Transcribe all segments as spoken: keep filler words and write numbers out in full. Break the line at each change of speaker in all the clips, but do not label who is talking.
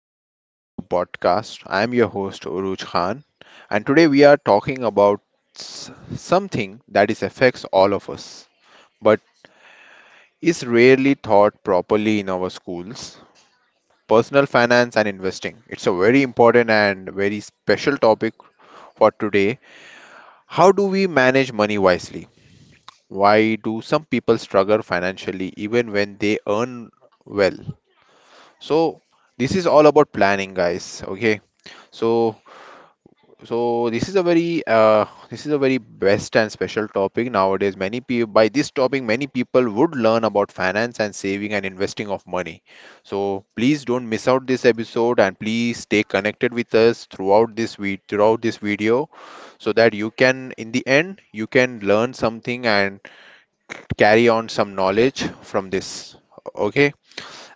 welcome back to the podcast. I am your host Uruj Khan, and today we are talking about s- something that is affects all of us, but is rarely taught properly in our schools. Personal finance and investing. It's a very important and very special topic for today. How do we manage money wisely? Why do some people struggle financially even when they earn well? So this is all about planning, guys, okay? So So this is a very uh, this is a very best and special topic nowadays. Many people by this topic, many people would learn about finance and saving and investing of money. So please don't miss out this episode, and please stay connected with us throughout this we throughout this video, so that you can in the end you can learn something and carry on some knowledge from this. Okay,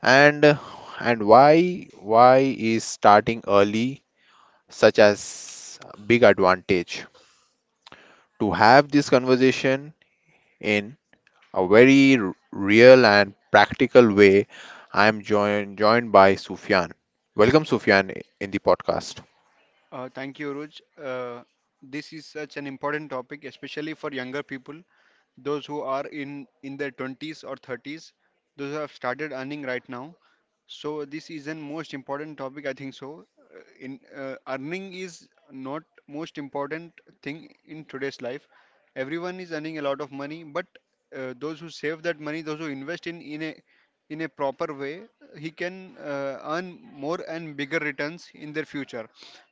and uh, and why why is starting early such as big advantage? To have this conversation in a very r- real and practical way. I am joined joined by Sufyan. Welcome, Sufyan, in the podcast.
Uh, thank you, Ruj. Uh, this is such an important topic, especially for younger people, those who are in in their twenties or thirties, those who have started earning right now. So this is an most important topic, I think so. Uh, In uh, Earning is not most important thing in today's life. Everyone is earning a lot of money, but uh, those who save that money, those who invest in in a in a proper way he can uh, earn more and bigger returns in their future.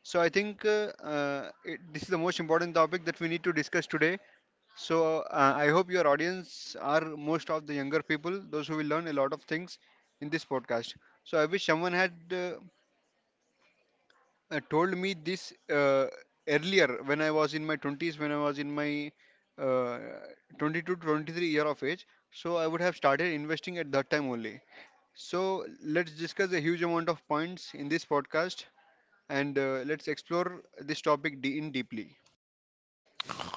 So i think uh, uh, it, this is the most important topic that we need to discuss today. So uh, i hope your audience are most of the younger people, those who will learn a lot of things in this podcast. So i wish someone had uh, uh, told me this uh, earlier, when i was in my twenties, when i was in my uh, twenty-two to twenty-three year of age. So i would have started investing at that time only. So let's discuss a huge amount of points in this podcast, and uh, let's explore this topic de- in deeply.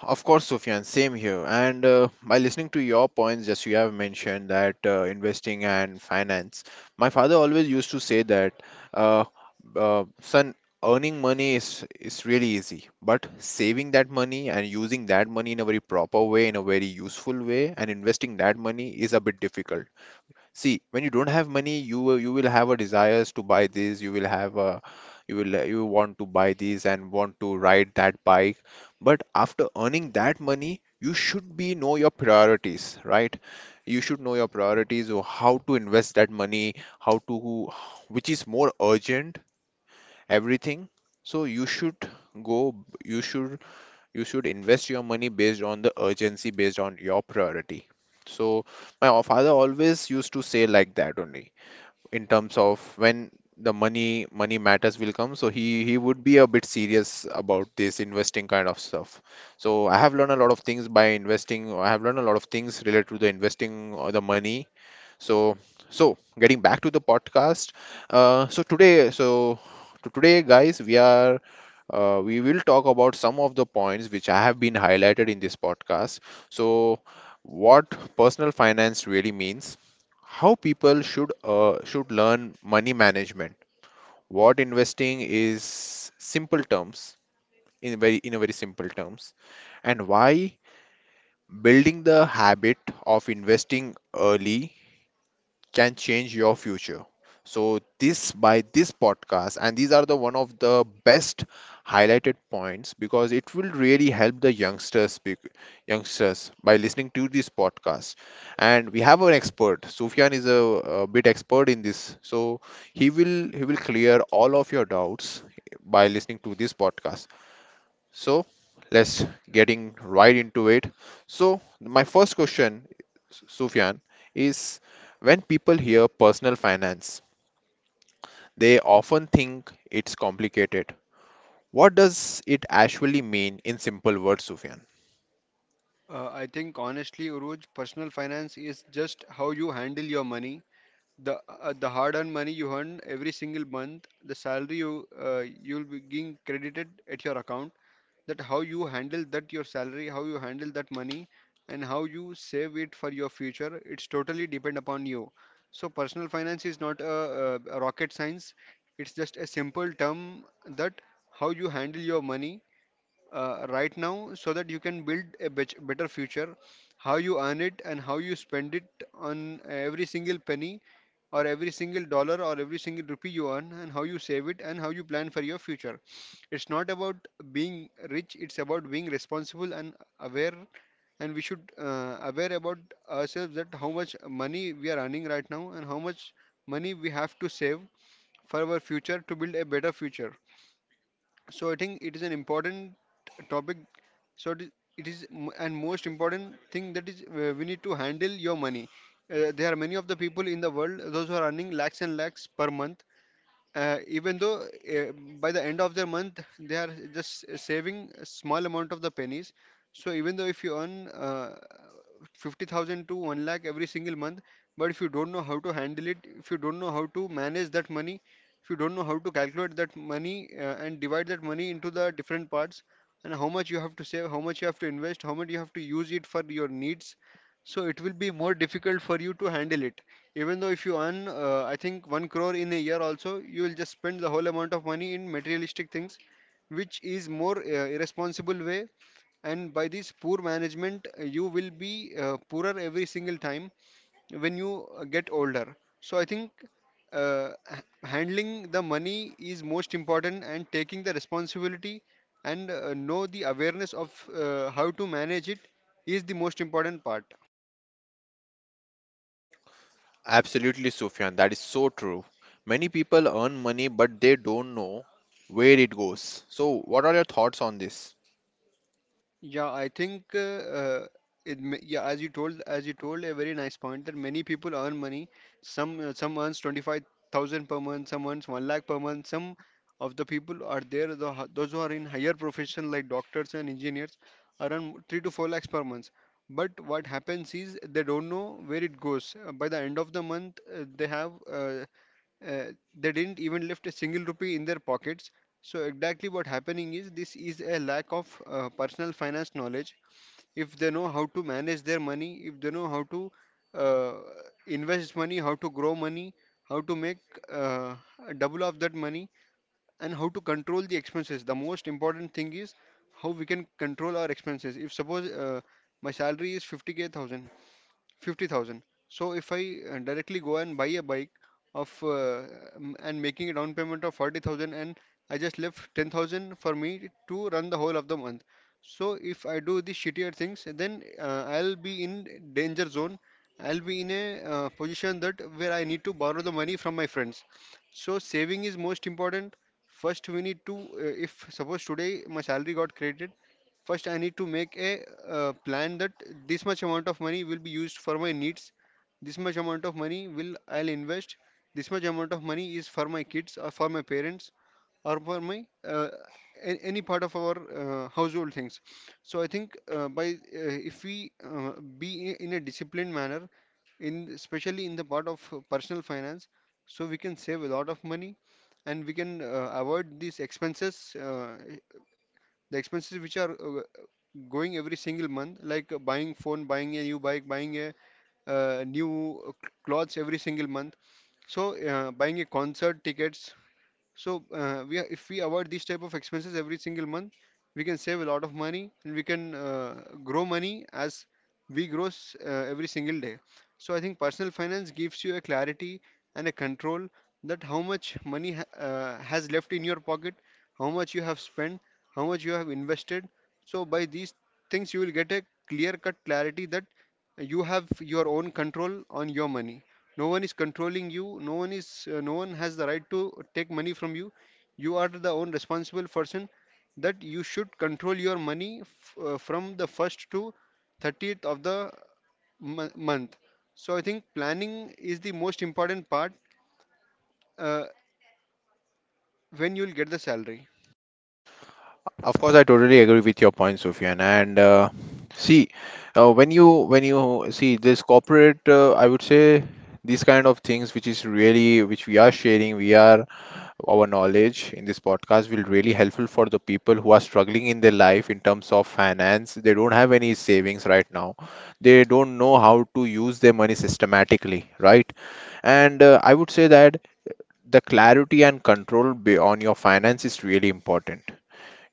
Of course, Sufyan, same here. And uh, By listening to your points, just you have mentioned that uh, investing and finance, my father always used to say that, uh, uh, son, earning money is is really easy, but saving that money and using that money in a very proper way, in a very useful way, and investing that money is a bit difficult. See, when you don't have money, you you will have a desires to buy this. You will have a you will you want to buy this and want to ride that bike. But after earning that money, you should be know your priorities, right? You should know your priorities, or how to invest that money, how to, which is more urgent, everything. So you should go. You should you should invest your money based on the urgency, based on your priority. So my father always used to say like that only, in terms of when the money money matters will come. So he he would be a bit serious about this investing kind of stuff. So I have learned a lot of things by investing. I have learned a lot of things related to the investing or the money. So, so getting back to the podcast, uh, so today so to today, guys, we are, uh, we will talk about some of the points which I have been highlighted in this podcast. So, what personal finance really means, how people should uh, should learn money management, what investing is simple terms, in very in a very simple terms, and why building the habit of investing early can change your future. So this, by this podcast, and these are the one of the best highlighted points, because it will really help the youngsters, bec- youngsters, by listening to this podcast. And we have an expert. Sufyan is a, a bit expert in this, so he will he will clear all of your doubts by listening to this podcast. So let's getting right into it. So my first question, Sufyan, is when people hear personal finance, they often think it's complicated. What does it actually mean in simple words, Sufyan?
Uh, I think honestly, Uruj, personal finance is just how you handle your money, the uh, the hard-earned money you earn every single month, the salary you uh, you'll be getting credited at your account, that how you handle that your salary, how you handle that money, and how you save it for your future. It's totally depend upon you. So personal finance is not a, a, a rocket science. It's just a simple term that how you handle your money uh, right now, so that you can build a bet- better future, how you earn it and how you spend it on every single penny or every single dollar or every single rupee you earn, and how you save it, and how you plan for your future. It's not about being rich. It's about being responsible and aware. And we should uh, aware about ourselves that how much money we are earning right now, and how much money we have to save for our future to build a better future. So I think it is an important topic. So it is, it is m- and most important thing that is, uh, we need to handle your money. Uh, there are many of the people in the world, those who are earning lakhs and lakhs per month, uh, even though, uh, by the end of the month they are just s- saving a small amount of the pennies. So even though if you earn uh, fifty thousand to one lakh every single month, but if you don't know how to handle it, if you don't know how to manage that money, if you don't know how to calculate that money uh, and divide that money into the different parts, and how much you have to save, how much you have to invest, how much you have to use it for your needs, so it will be more difficult for you to handle it. Even though if you earn, uh, I think, one crore in a year also, you will just spend the whole amount of money in materialistic things, which is more uh, irresponsible way. And by this poor management, uh, you will be uh, poorer every single time when you uh, get older. So I think uh, h- handling the money is most important, and taking the responsibility, and uh, know the awareness of uh, how to manage it is the most important part.
Absolutely, Sufyan, that is so true. Many people earn money, but they don't know where it goes. So, what are your thoughts on this?
Yeah, I think uh, uh, it, ma- yeah, as you told, as you told a very nice point that many people earn money. Some uh, some earns twenty-five thousand per month, some earns one lakh per month. Some of the people are there, the, h- those who are in higher profession like doctors and engineers earn three to four lakhs per month. But what happens is they don't know where it goes. Uh, By the end of the month, uh, they have uh, uh, they didn't even left a single rupee in their pockets. So exactly what happening is this is a lack of uh, personal finance knowledge. If they know how to manage their money, if they know how to uh, invest money, how to grow money, how to make uh, double of that money, and how to control the expenses. The most important thing is how we can control our expenses. If suppose uh, my salary is fifty k thousand, fifty thousand. So if I uh, directly go and buy a bike of uh, m- and making a down payment of forty thousand, and I just left ten thousand for me to run the whole of the month. So if I do the shittier things, then uh, I'll be in danger zone. I'll be in a uh, position that where I need to borrow the money from my friends. So saving is most important. First, we need to. Uh, if suppose today my salary got credited, first, I need to make a uh, plan that this much amount of money will be used for my needs. This much amount of money will I'll invest. This much amount of money is for my kids or for my parents or for my uh, a- any part of our uh, household things. So I think uh, by uh, if we uh, be in in a disciplined manner, in especially in the part of uh, personal finance, so we can save a lot of money, and we can uh, avoid these expenses. Uh, the expenses which are uh, going every single month, like uh, buying phone, buying a new bike, buying a uh, new uh, cl- clothes every single month. So uh, buying a concert tickets. So uh, we are, if we avoid these type of expenses every single month, we can save a lot of money, and we can uh, grow money as we grow s- uh, every single day. So I think personal finance gives you a clarity and a control, that how much money ha- uh, has left in your pocket, how much you have spent, how much you have invested. So by these things you will get a clear cut clarity that you have your own control on your money. No one is controlling you, no one is uh, no one has the right to take money from you. You are the own responsible person that you should control your money f- uh, from the first to thirtieth of the m- month. So i think planning is the most important part uh, when you'll get the salary.
Of course, I totally agree with your point, Sufyan. And uh, See, uh, when you when you see this corporate, uh, I would say these kind of things, which is really which we are sharing, we are our knowledge in this podcast will really helpful for the people who are struggling in their life in terms of finance. They don't have any savings right now. They don't know how to use their money systematically, right? And uh, I would say that the clarity and control be- on your finance is really important.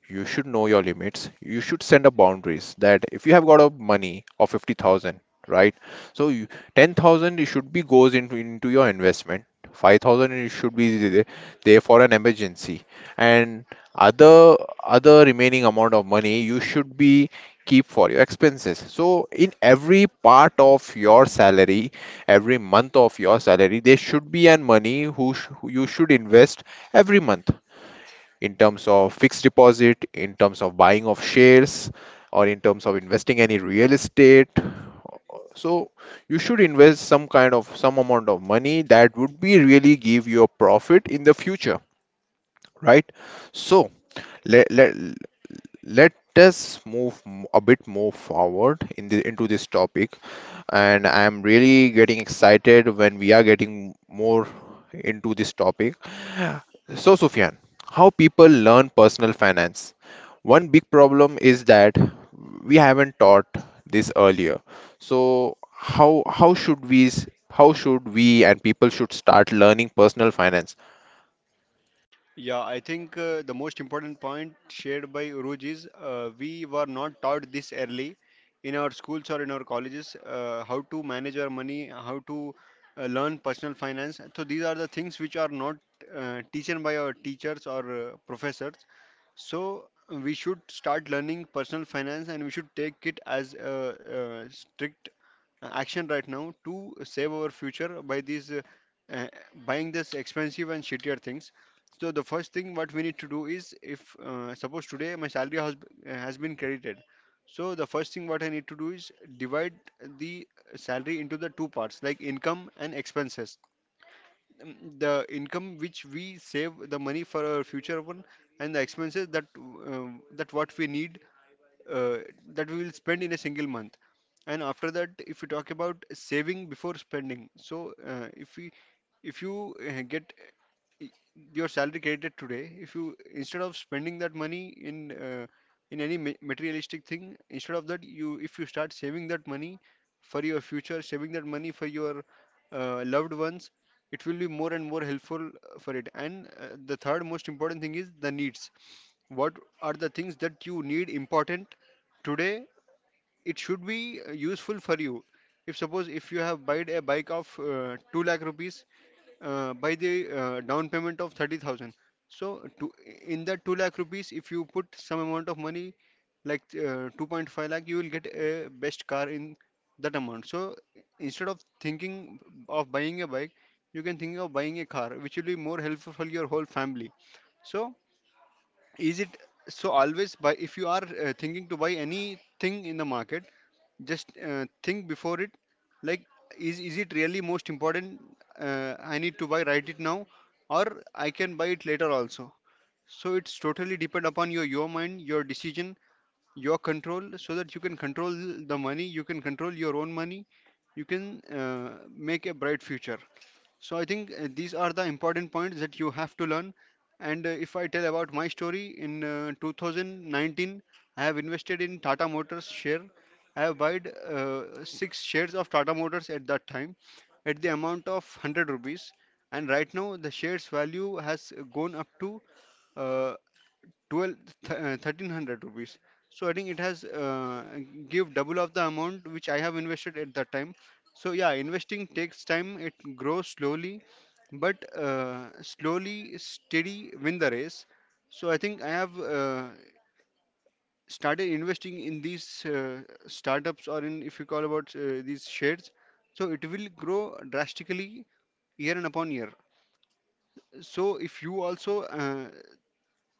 You should know your limits. You should send up boundaries, that if you have got a money of fifty thousand, right? So you, ten thousand it should be goes into into your investment. five thousand it should be there there for an emergency. And other other remaining amount of money you should be keep for your expenses. So in every part of your salary, every month of your salary, there should be an money who, sh- who you should invest every month, in terms of fixed deposit, in terms of buying of shares, or in terms of investing any real estate. So you should invest some kind of some amount of money that would be really give you a profit in the future, right? So, let let let us move m- a bit more forward in the into this topic, and I am really getting excited when we are getting more into this topic. So, Sufyan, how people learn personal finance? One big problem is that we haven't taught this earlier. So, how how should we, s- how should we and people should start learning personal finance?
Yeah, I think uh, the most important point shared by Uruj is uh, we were not taught this early in our schools or in our colleges, uh, how to manage our money, how to uh, learn personal finance. So these are the things which are not uh, teaching by our teachers or uh, professors. So we should start learning personal finance and we should take it as a, uh strict uh, action right now to save our future by these uh, uh, buying this expensive and shittier things. So the first thing what we need to do is if uh, suppose today my salary has, uh, has been credited. So the first thing what i need to do is divide the salary into the two parts, like income and expenses. Um, the income which we save the money for our future one, and the expenses that um, that what we need, uh, that we will spend in a single month. And after that, if you talk about saving before spending, so uh, if we if you uh, get uh, your salary credited today, if you instead of spending that money in uh, in any ma- materialistic thing, instead of that, you if you start saving that money for your future, saving that money for your uh, loved ones, it will be more and more helpful uh, for it. And uh, the third most important thing is the needs. What are the things that you need important today? It should be uh, useful for you. If suppose if you have buyed a bike of uh, two lakh rupees, uh, by the uh, down payment of thirty thousand, so to, in that two lakh rupees, if you put some amount of money like uh, two point five lakh, you will get a best car in that amount. So instead of thinking of buying a bike, you can think of buying a car, which will be more helpful for your whole family. So is it, so always buy, if you are uh, thinking to buy anything in the market, just uh, think before it, like is is it really most important, uh, i need to buy right it now, or i can buy it later also. So it's totally depend upon your your mind, your decision, your control, so that you can control the money you can control your own money. You can uh, make a bright future. So I think uh, these are the important points that you have to learn. And uh, if I tell about my story, in uh, twenty nineteen, I have invested in Tata Motors share. I have bought uh, six shares of Tata Motors at that time at the amount of one hundred rupees. And right now, the shares value has gone up to uh, twelve th- uh, thirteen hundred rupees. So I think it has uh, give double of the amount which I have invested at that time. So yeah, investing takes time, it grows slowly, but uh, slowly steady win the race. So I think I have uh, started investing in these uh, startups, or in if you call about uh, these shares, so it will grow drastically year and upon year. So if you also uh,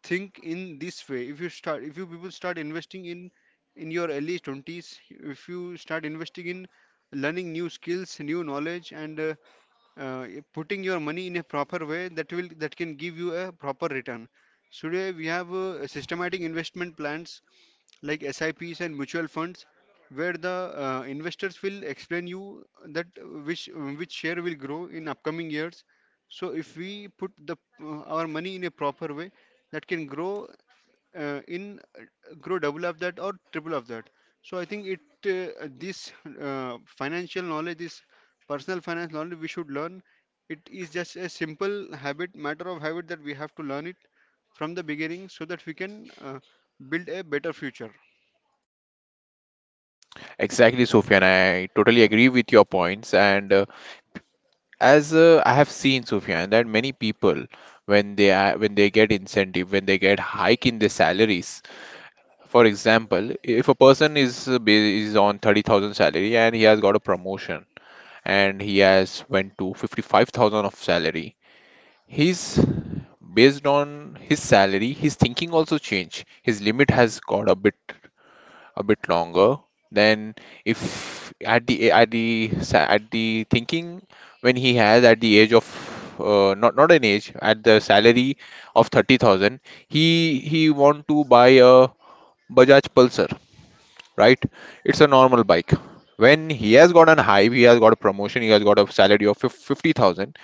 think in this way, if you start, if you people start investing in in your early twenties, if you start investing in learning new skills, new knowledge, and uh, uh, putting your money in a proper way, that will, that can give you a proper return. So today we have uh, systematic investment plans like SIPs and mutual funds, where the uh, investors will explain you that uh, which which share will grow in upcoming years. So if we put the uh, our money in a proper way, that can grow uh, in uh, grow double of that or triple of that. So I think it uh, this uh, financial knowledge, this personal finance knowledge we should learn. It is just a simple habit, matter of habit, that we have to learn it from the beginning, so that we can uh, build a better future.
Exactly, Sufyan. I totally agree with your points. And uh, as uh, I have seen, Sufyan, that many people when they are, when they get incentive, when they get hike in their salaries, for example, if a person is uh, ba- is on thirty thousand salary and he has got a promotion and he has went to fifty-five thousand of salary, he's based on his salary, his thinking also change. His limit has got a bit a bit longer than if at the at the sa- at the thinking when he has at the age of, uh, not not an age, at the salary of thirty thousand, he he want to buy a Bajaj Pulsar, right? It's a normal bike. When he has got an hype, he has got a promotion, he has got a salary of fif- fifty thousand,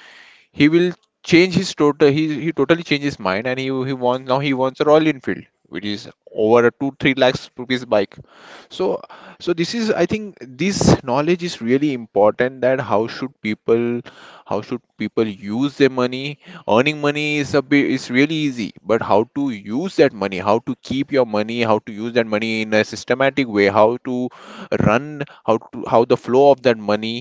he will change his total. he he totally changed his mind and he he wants, now he wants a Royal Enfield, which is over a two three lakhs rupees bike. So, so this is, I think, this knowledge is really important, that how should people, how should people use their money. Earning money is a bit is really easy, but how to use that money, how to keep your money, how to use that money in a systematic way, how to run, how to, how the flow of that money,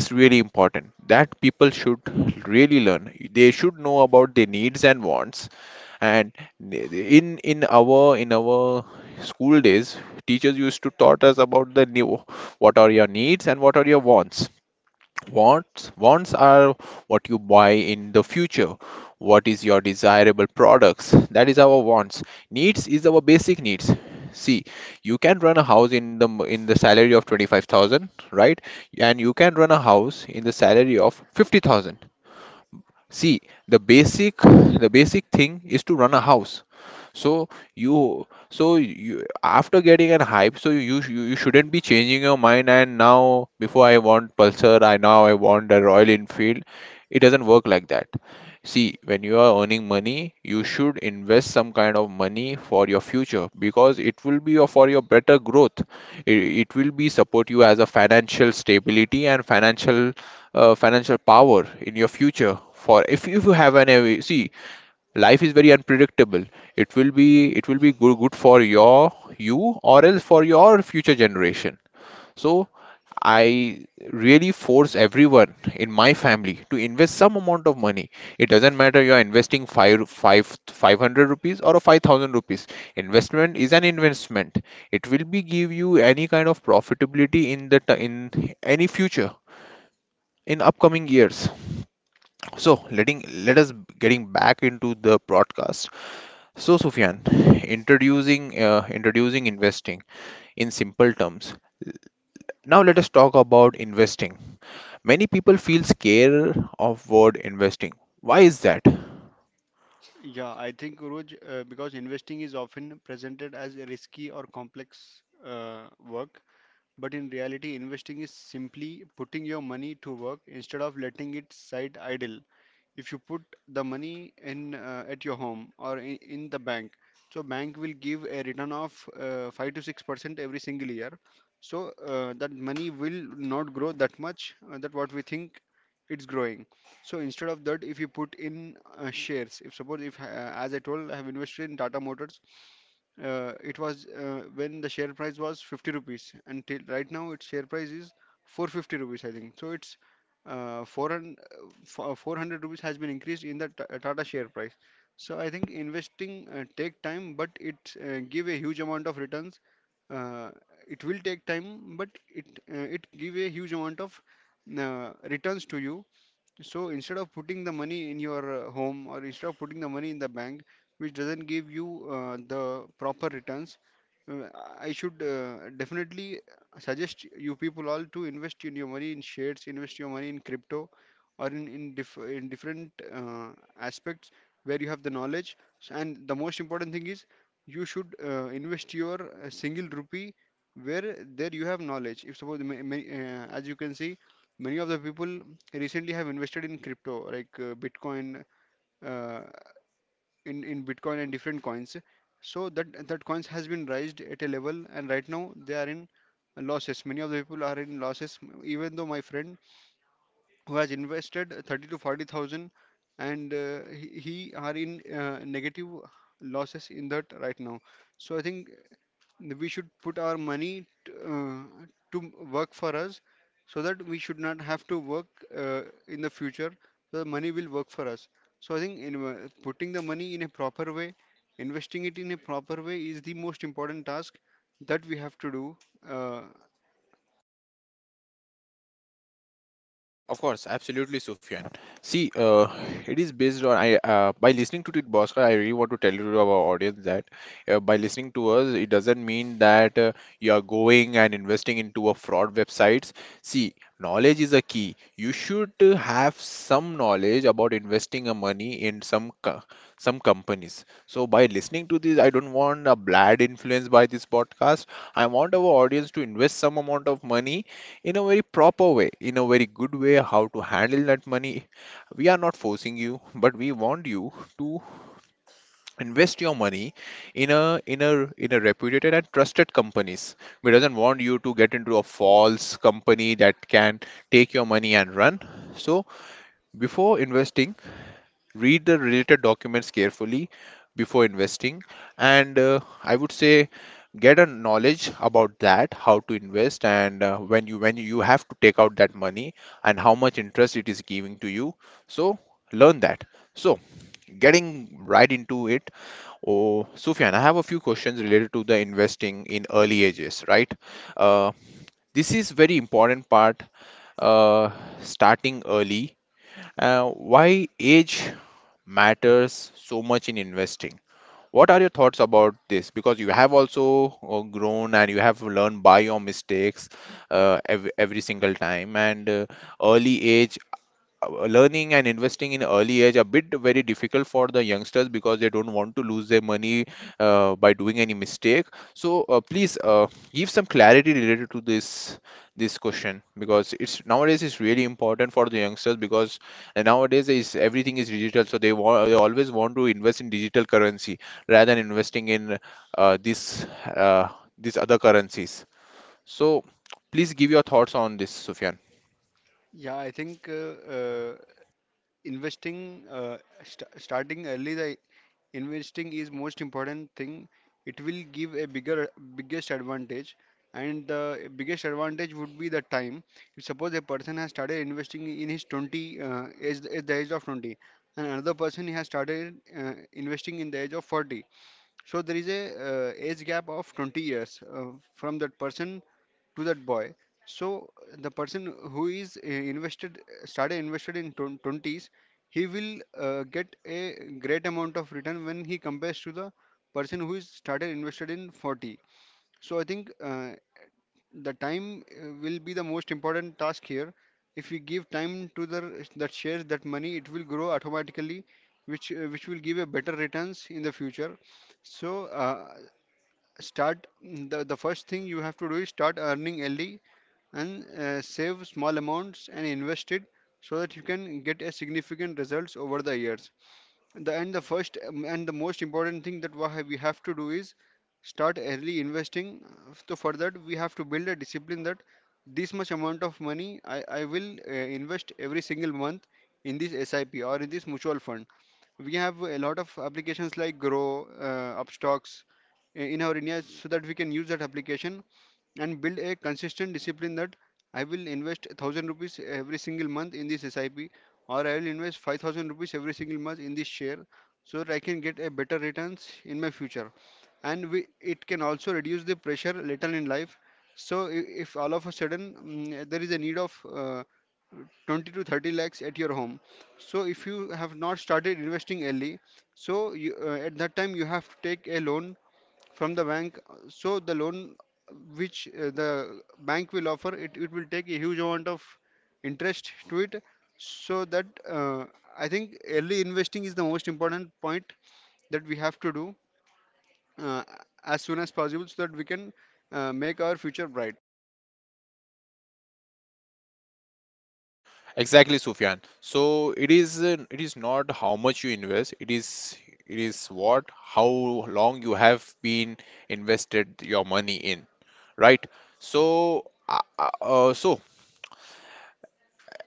is really important that people should really learn. They should know about their needs and wants. And in in our in our school days, teachers used to taught us about the new, what are your needs and what are your wants. Wants wants are what you buy in the future. What is your desirable products? That is our wants. Needs is our basic needs. See, you can run a house in the m- in the salary of twenty-five thousand, right? And you can run a house in the salary of fifty thousand. See, the basic the basic thing is to run a house. So you so you, after getting an hype, so you you, you shouldn't be changing your mind and now before I want Pulsar, I, now I want a Royal Enfield. It doesn't work like that. See, when you are earning money, you should invest some kind of money for your future, because it will be your, for your better growth. It, it will be support you as a financial stability and financial uh, financial power in your future for if, if you have an uh, see, life is very unpredictable. It will be, it will be good, good for your, you, or else for your future generation. So I really force everyone in my family to invest some amount of money. It doesn't matter you are investing five five five hundred rupees or a five thousand rupees. Investment is an investment. It will be give you any kind of profitability in the t- in any future, in upcoming years. So letting let us getting back into the broadcast. So Sufyan, introducing uh, introducing investing in simple terms. Now let us talk about investing. Many people feel scared of word investing. Why is that?
Yeah, I think Roj, uh, because investing is often presented as a risky or complex uh, work. But in reality, investing is simply putting your money to work instead of letting it sit idle. If you put the money in uh, at your home, or in, in the bank, so bank will give a return of uh, five to six percent every single year. So uh, that money will not grow that much uh, that what we think it's growing. So instead of that, if you put in uh, shares, if suppose if uh, as I told, I have invested in Tata Motors. Uh, it was uh, when the share price was fifty rupees, and till right now its share price is four fifty rupees, I think. So it's uh, four hundred uh, fo- four hundred rupees has been increased in the Ta- tata share price. So I think investing uh, take time, but it uh, give a huge amount of returns. uh, it will take time, but it uh, it give a huge amount of uh, returns to you. So instead of putting the money in your uh, home, or instead of putting the money in the bank, which doesn't give you uh, the proper returns, uh, I should uh, definitely suggest you people all to invest in your money in shares, invest your money in crypto, or in in, diff in different uh, aspects where you have the knowledge. S- And the most important thing is you should uh, invest your uh, single rupee where there you have knowledge. If suppose ma- ma- uh, as you can see, many of the people recently have invested in crypto like uh, Bitcoin, uh, in in Bitcoin and different coins. So that that coins has been raised at a level, and right now they are in losses. Many of the people are in losses. Even though my friend who has invested thirty to forty thousand, and uh, he, he are in uh, negative losses in that right now. So I think we should put our money t- uh, to work for us, so that we should not have to work uh, in the future. So the money will work for us. So I think in, uh, putting the money in a proper way, investing it in a proper way, is the most important task that we have to do. uh,
Of course, absolutely, Sufyan. See, uh, it is based on I, uh, by listening to Tit Bosca, I really want to tell you to our audience that, uh, by listening to us, it doesn't mean that uh, you are going and investing into a fraud websites. See, knowledge is a key. You should uh, have some knowledge about investing a money in some co- some companies. So by listening to this, I don't want a bad influence by this podcast. I want our audience to invest some amount of money in a very proper way, in a very good way, how to handle that money. We are not forcing you, but we want you to invest your money in a in a in a reputed and trusted companies. We doesn't want you to get into a false company that can take your money and run. So before investing, read the related documents carefully before investing, and uh, I would say get a knowledge about that how to invest, and uh, when you when you have to take out that money and how much interest it is giving to you, so learn that. So getting right into it, oh Sufyan, I have a few questions related to the investing in early ages, right? uh, this is very important part. uh, Starting early, uh, why age matters so much in investing. What are your thoughts about this? Because you have also uh, grown and you have learned by your mistakes uh, every, every single time. And uh, early age, uh, learning and investing in early age a bit very difficult for the youngsters because they don't want to lose their money uh, by doing any mistake. So uh, please uh, give some clarity related to this this question, because it's nowadays it's really important for the youngsters, because uh, nowadays is everything is digital, so they, want they always want to invest in digital currency rather than investing in uh, this uh, these other currencies. So please give your thoughts on this, Sufyan.
yeah, I think uh, uh, investing, uh, st- starting early the investing is most important thing. It will give a bigger biggest advantage, and the biggest advantage would be the time. If suppose a person has started investing in his twenty uh, age, at the age of twenty, and another person has started uh, investing in the age of forty, so there is a uh, age gap of twenty years uh, from that person to that boy. So the person who is uh, invested started invested in twen- twenties, he will uh, get a great amount of return when he compares to the person who is started invested in forty. So I think uh, the time uh, will be the most important task here. If we give time to the that shares, that money, it will grow automatically, which uh, which will give a better returns in the future. So uh, start, the the first thing you have to do is start earning early, and uh, save small amounts and invest it, so that you can get a significant results over the years. The, and the first um, and the most important thing that wha- we have to do is start early investing. So for that we have to build a discipline that this much amount of money i, I will uh, invest every single month in this SIP or in this mutual fund. We have a lot of applications like grow uh, upstocks i- in our india, so that we can use that application and build a consistent discipline that I will invest thousand rupees every single month in this S I P, or I will invest five thousand rupees every single month in this share, so that I can get a better returns in my future. And we, it can also reduce the pressure later in life. so i- if all of a sudden mm, there is a need of uh, twenty to thirty lakhs at your home, so if you have not started investing early, so you, uh, at that time you have to take a loan from the bank. So the loan which uh, the bank will offer, it, it will take a huge amount of interest to it. So that uh, I think early investing is the most important point that we have to do uh, as soon as possible, so that we can uh, make our future bright.
Exactly, Sufyan. So it is uh, it is not how much you invest, it is it is what how long you have been invested your money in, right? So uh, uh, uh, so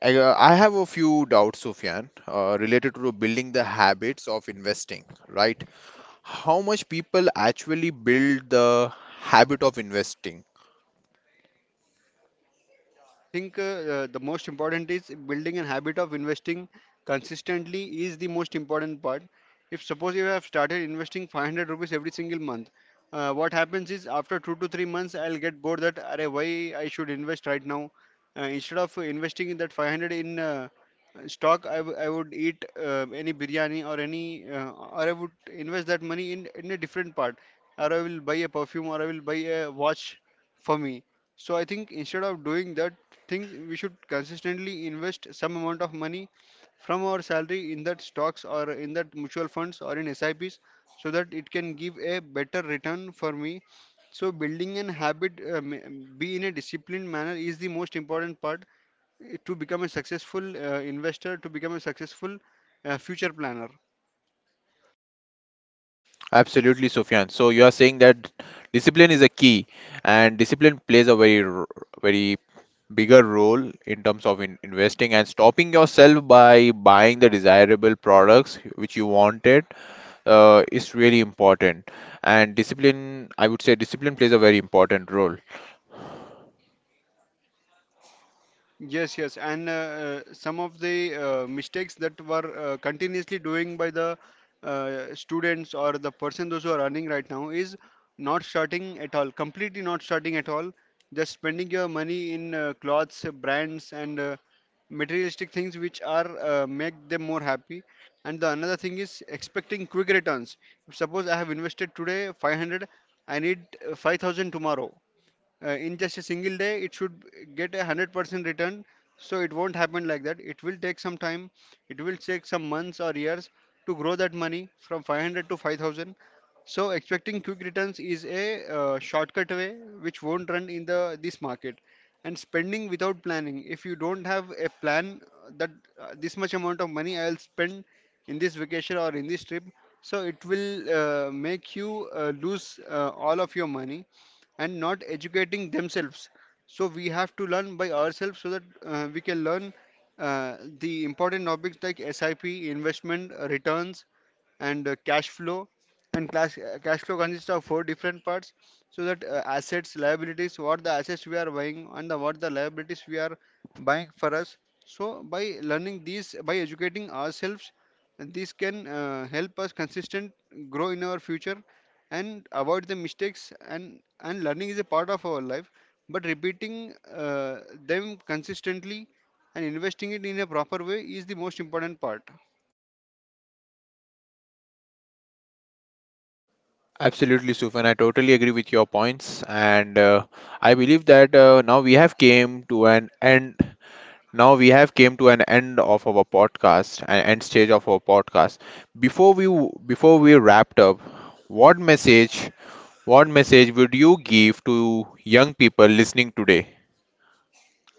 I, uh, I have a few doubts, Sufyan, uh, related to building the habits of investing, right? How much people actually build the habit of investing?
I think uh, uh, the most important is building a habit of investing consistently is the most important part. If suppose you have started investing five hundred rupees every single month, uh, what happens is after two to three months, I'll get bored that "Arey, why I should invest right now. Uh, instead of investing in that five hundred in uh, stock, I, w- I would eat uh, any biryani, or any uh, or I would invest that money in in a different part, or I will buy a perfume, or I will buy a watch for me. So I think instead of doing that, think we should consistently invest some amount of money from our salary in that stocks, or in that mutual funds, or in S I Ps, so that it can give a better return for me. So building an habit, uh, ma- be in a disciplined manner is the most important part eh, to become a successful uh, investor, to become a successful uh, future planner.
Absolutely, Sufyan. So you are saying that discipline is a key, and discipline plays a very r- very bigger role in terms of in investing and stopping yourself by buying the desirable products which you wanted, uh, is really important. And discipline, I would say discipline plays a very important role.
Yes, yes, and uh, uh, some of the uh, mistakes that were uh, continuously doing by the uh, students or the person those who are earning right now is not starting at all, completely not starting at all, just spending your money in uh, clothes, uh, brands, and uh, materialistic things which are uh, make them more happy. And the another thing is expecting quick returns. Suppose I have invested today five hundred, I need uh, five thousand tomorrow, uh, in just a single day it should get a one hundred percent return. So it won't happen like that, it will take some time, it will take some months or years to grow that money from five hundred to five thousand. So expecting quick returns is a uh, shortcut way which won't run in the this market. And spending without planning, if you don't have a plan uh, that uh, this much amount of money I'll spend in this vacation or in this trip, so it will uh, make you uh, lose uh, all of your money. And not educating themselves. So we have to learn by ourselves, so that uh, we can learn uh, the important topics like S I P, investment, uh, returns, and uh, cash flow. And cash, uh, cash flow consists of four different parts, so that uh, assets liabilities, what the assets we are buying, and the, what the liabilities we are buying for us. So by learning these, by educating ourselves, this can uh, help us consistent grow in our future, and avoid the mistakes. And and learning is a part of our life, but repeating uh, them consistently and investing it in a proper way is the most important part.
Absolutely, Sufan, I totally agree with your points. And uh, I believe that uh, now we have came to an end, now we have came to an end of our podcast, an end stage of our podcast. Before we before we wrapped up, what message what message would you give to young people listening today?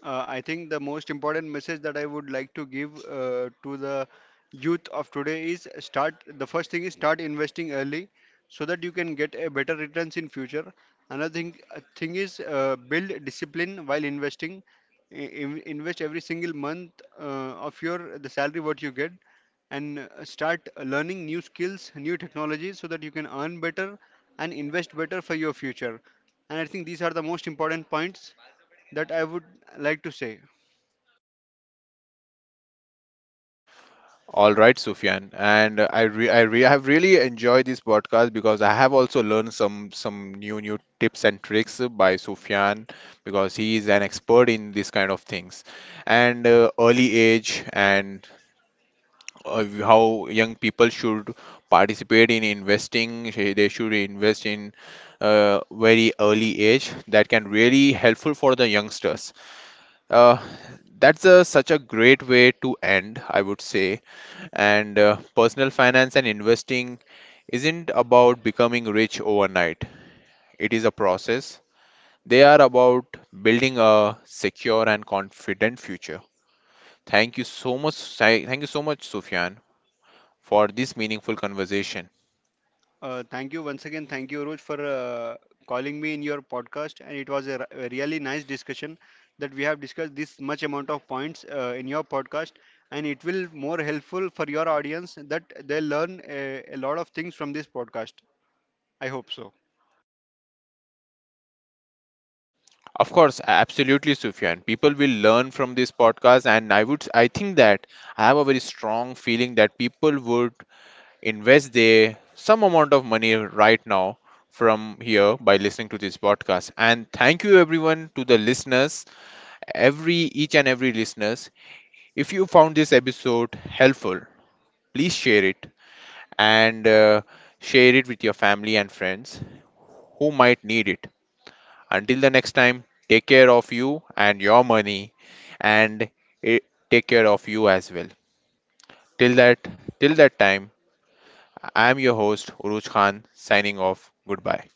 Uh, I think the most important message that I would like to give uh, to the youth of today is start. The first thing is start investing early, so that you can get a better returns in future. Another thing uh, thing is uh, build discipline while investing. I- in- invest every single month uh, of your the salary what you get, and uh, start learning new skills, new technologies, so that you can earn better and invest better for your future. And I think these are the most important points that I would like to say.
All right, Sufyan, and uh, I re I re have really enjoyed this podcast, because I have also learned some some new new tips and tricks by Sufyan, because he is an expert in this kind of things. And uh, early age, and uh, how young people should participate in investing, sh- they should invest in uh, very early age that can really helpful for the youngsters. uh, that's a, such a great way to end, I would say. And uh, personal finance and investing isn't about becoming rich overnight. It is a process. They are about building a secure and confident future. Thank you so much, Sai- thank you so much, Sufyan, for this meaningful conversation.
Uh, thank you once again. Thank you, Roj, for uh, calling me in your podcast. And it was a, r- a really nice discussion that we have discussed this much amount of points uh, in your podcast. And it will more helpful for your audience that they learn a, a lot of things from this podcast. I hope so.
Of course, absolutely, Sufyan. People will learn from this podcast, and I would, I think that I have a very strong feeling that people would invest their some amount of money right now from here by listening to this podcast. And thank you, everyone, to the listeners, every each and every listeners. If you found this episode helpful, please share it, and uh, share it with your family and friends who might need it. Until the next time, take care of you and your money, and eh, take care of you as well. Till that, till that time, I am your host Uruj Khan, signing off. Goodbye.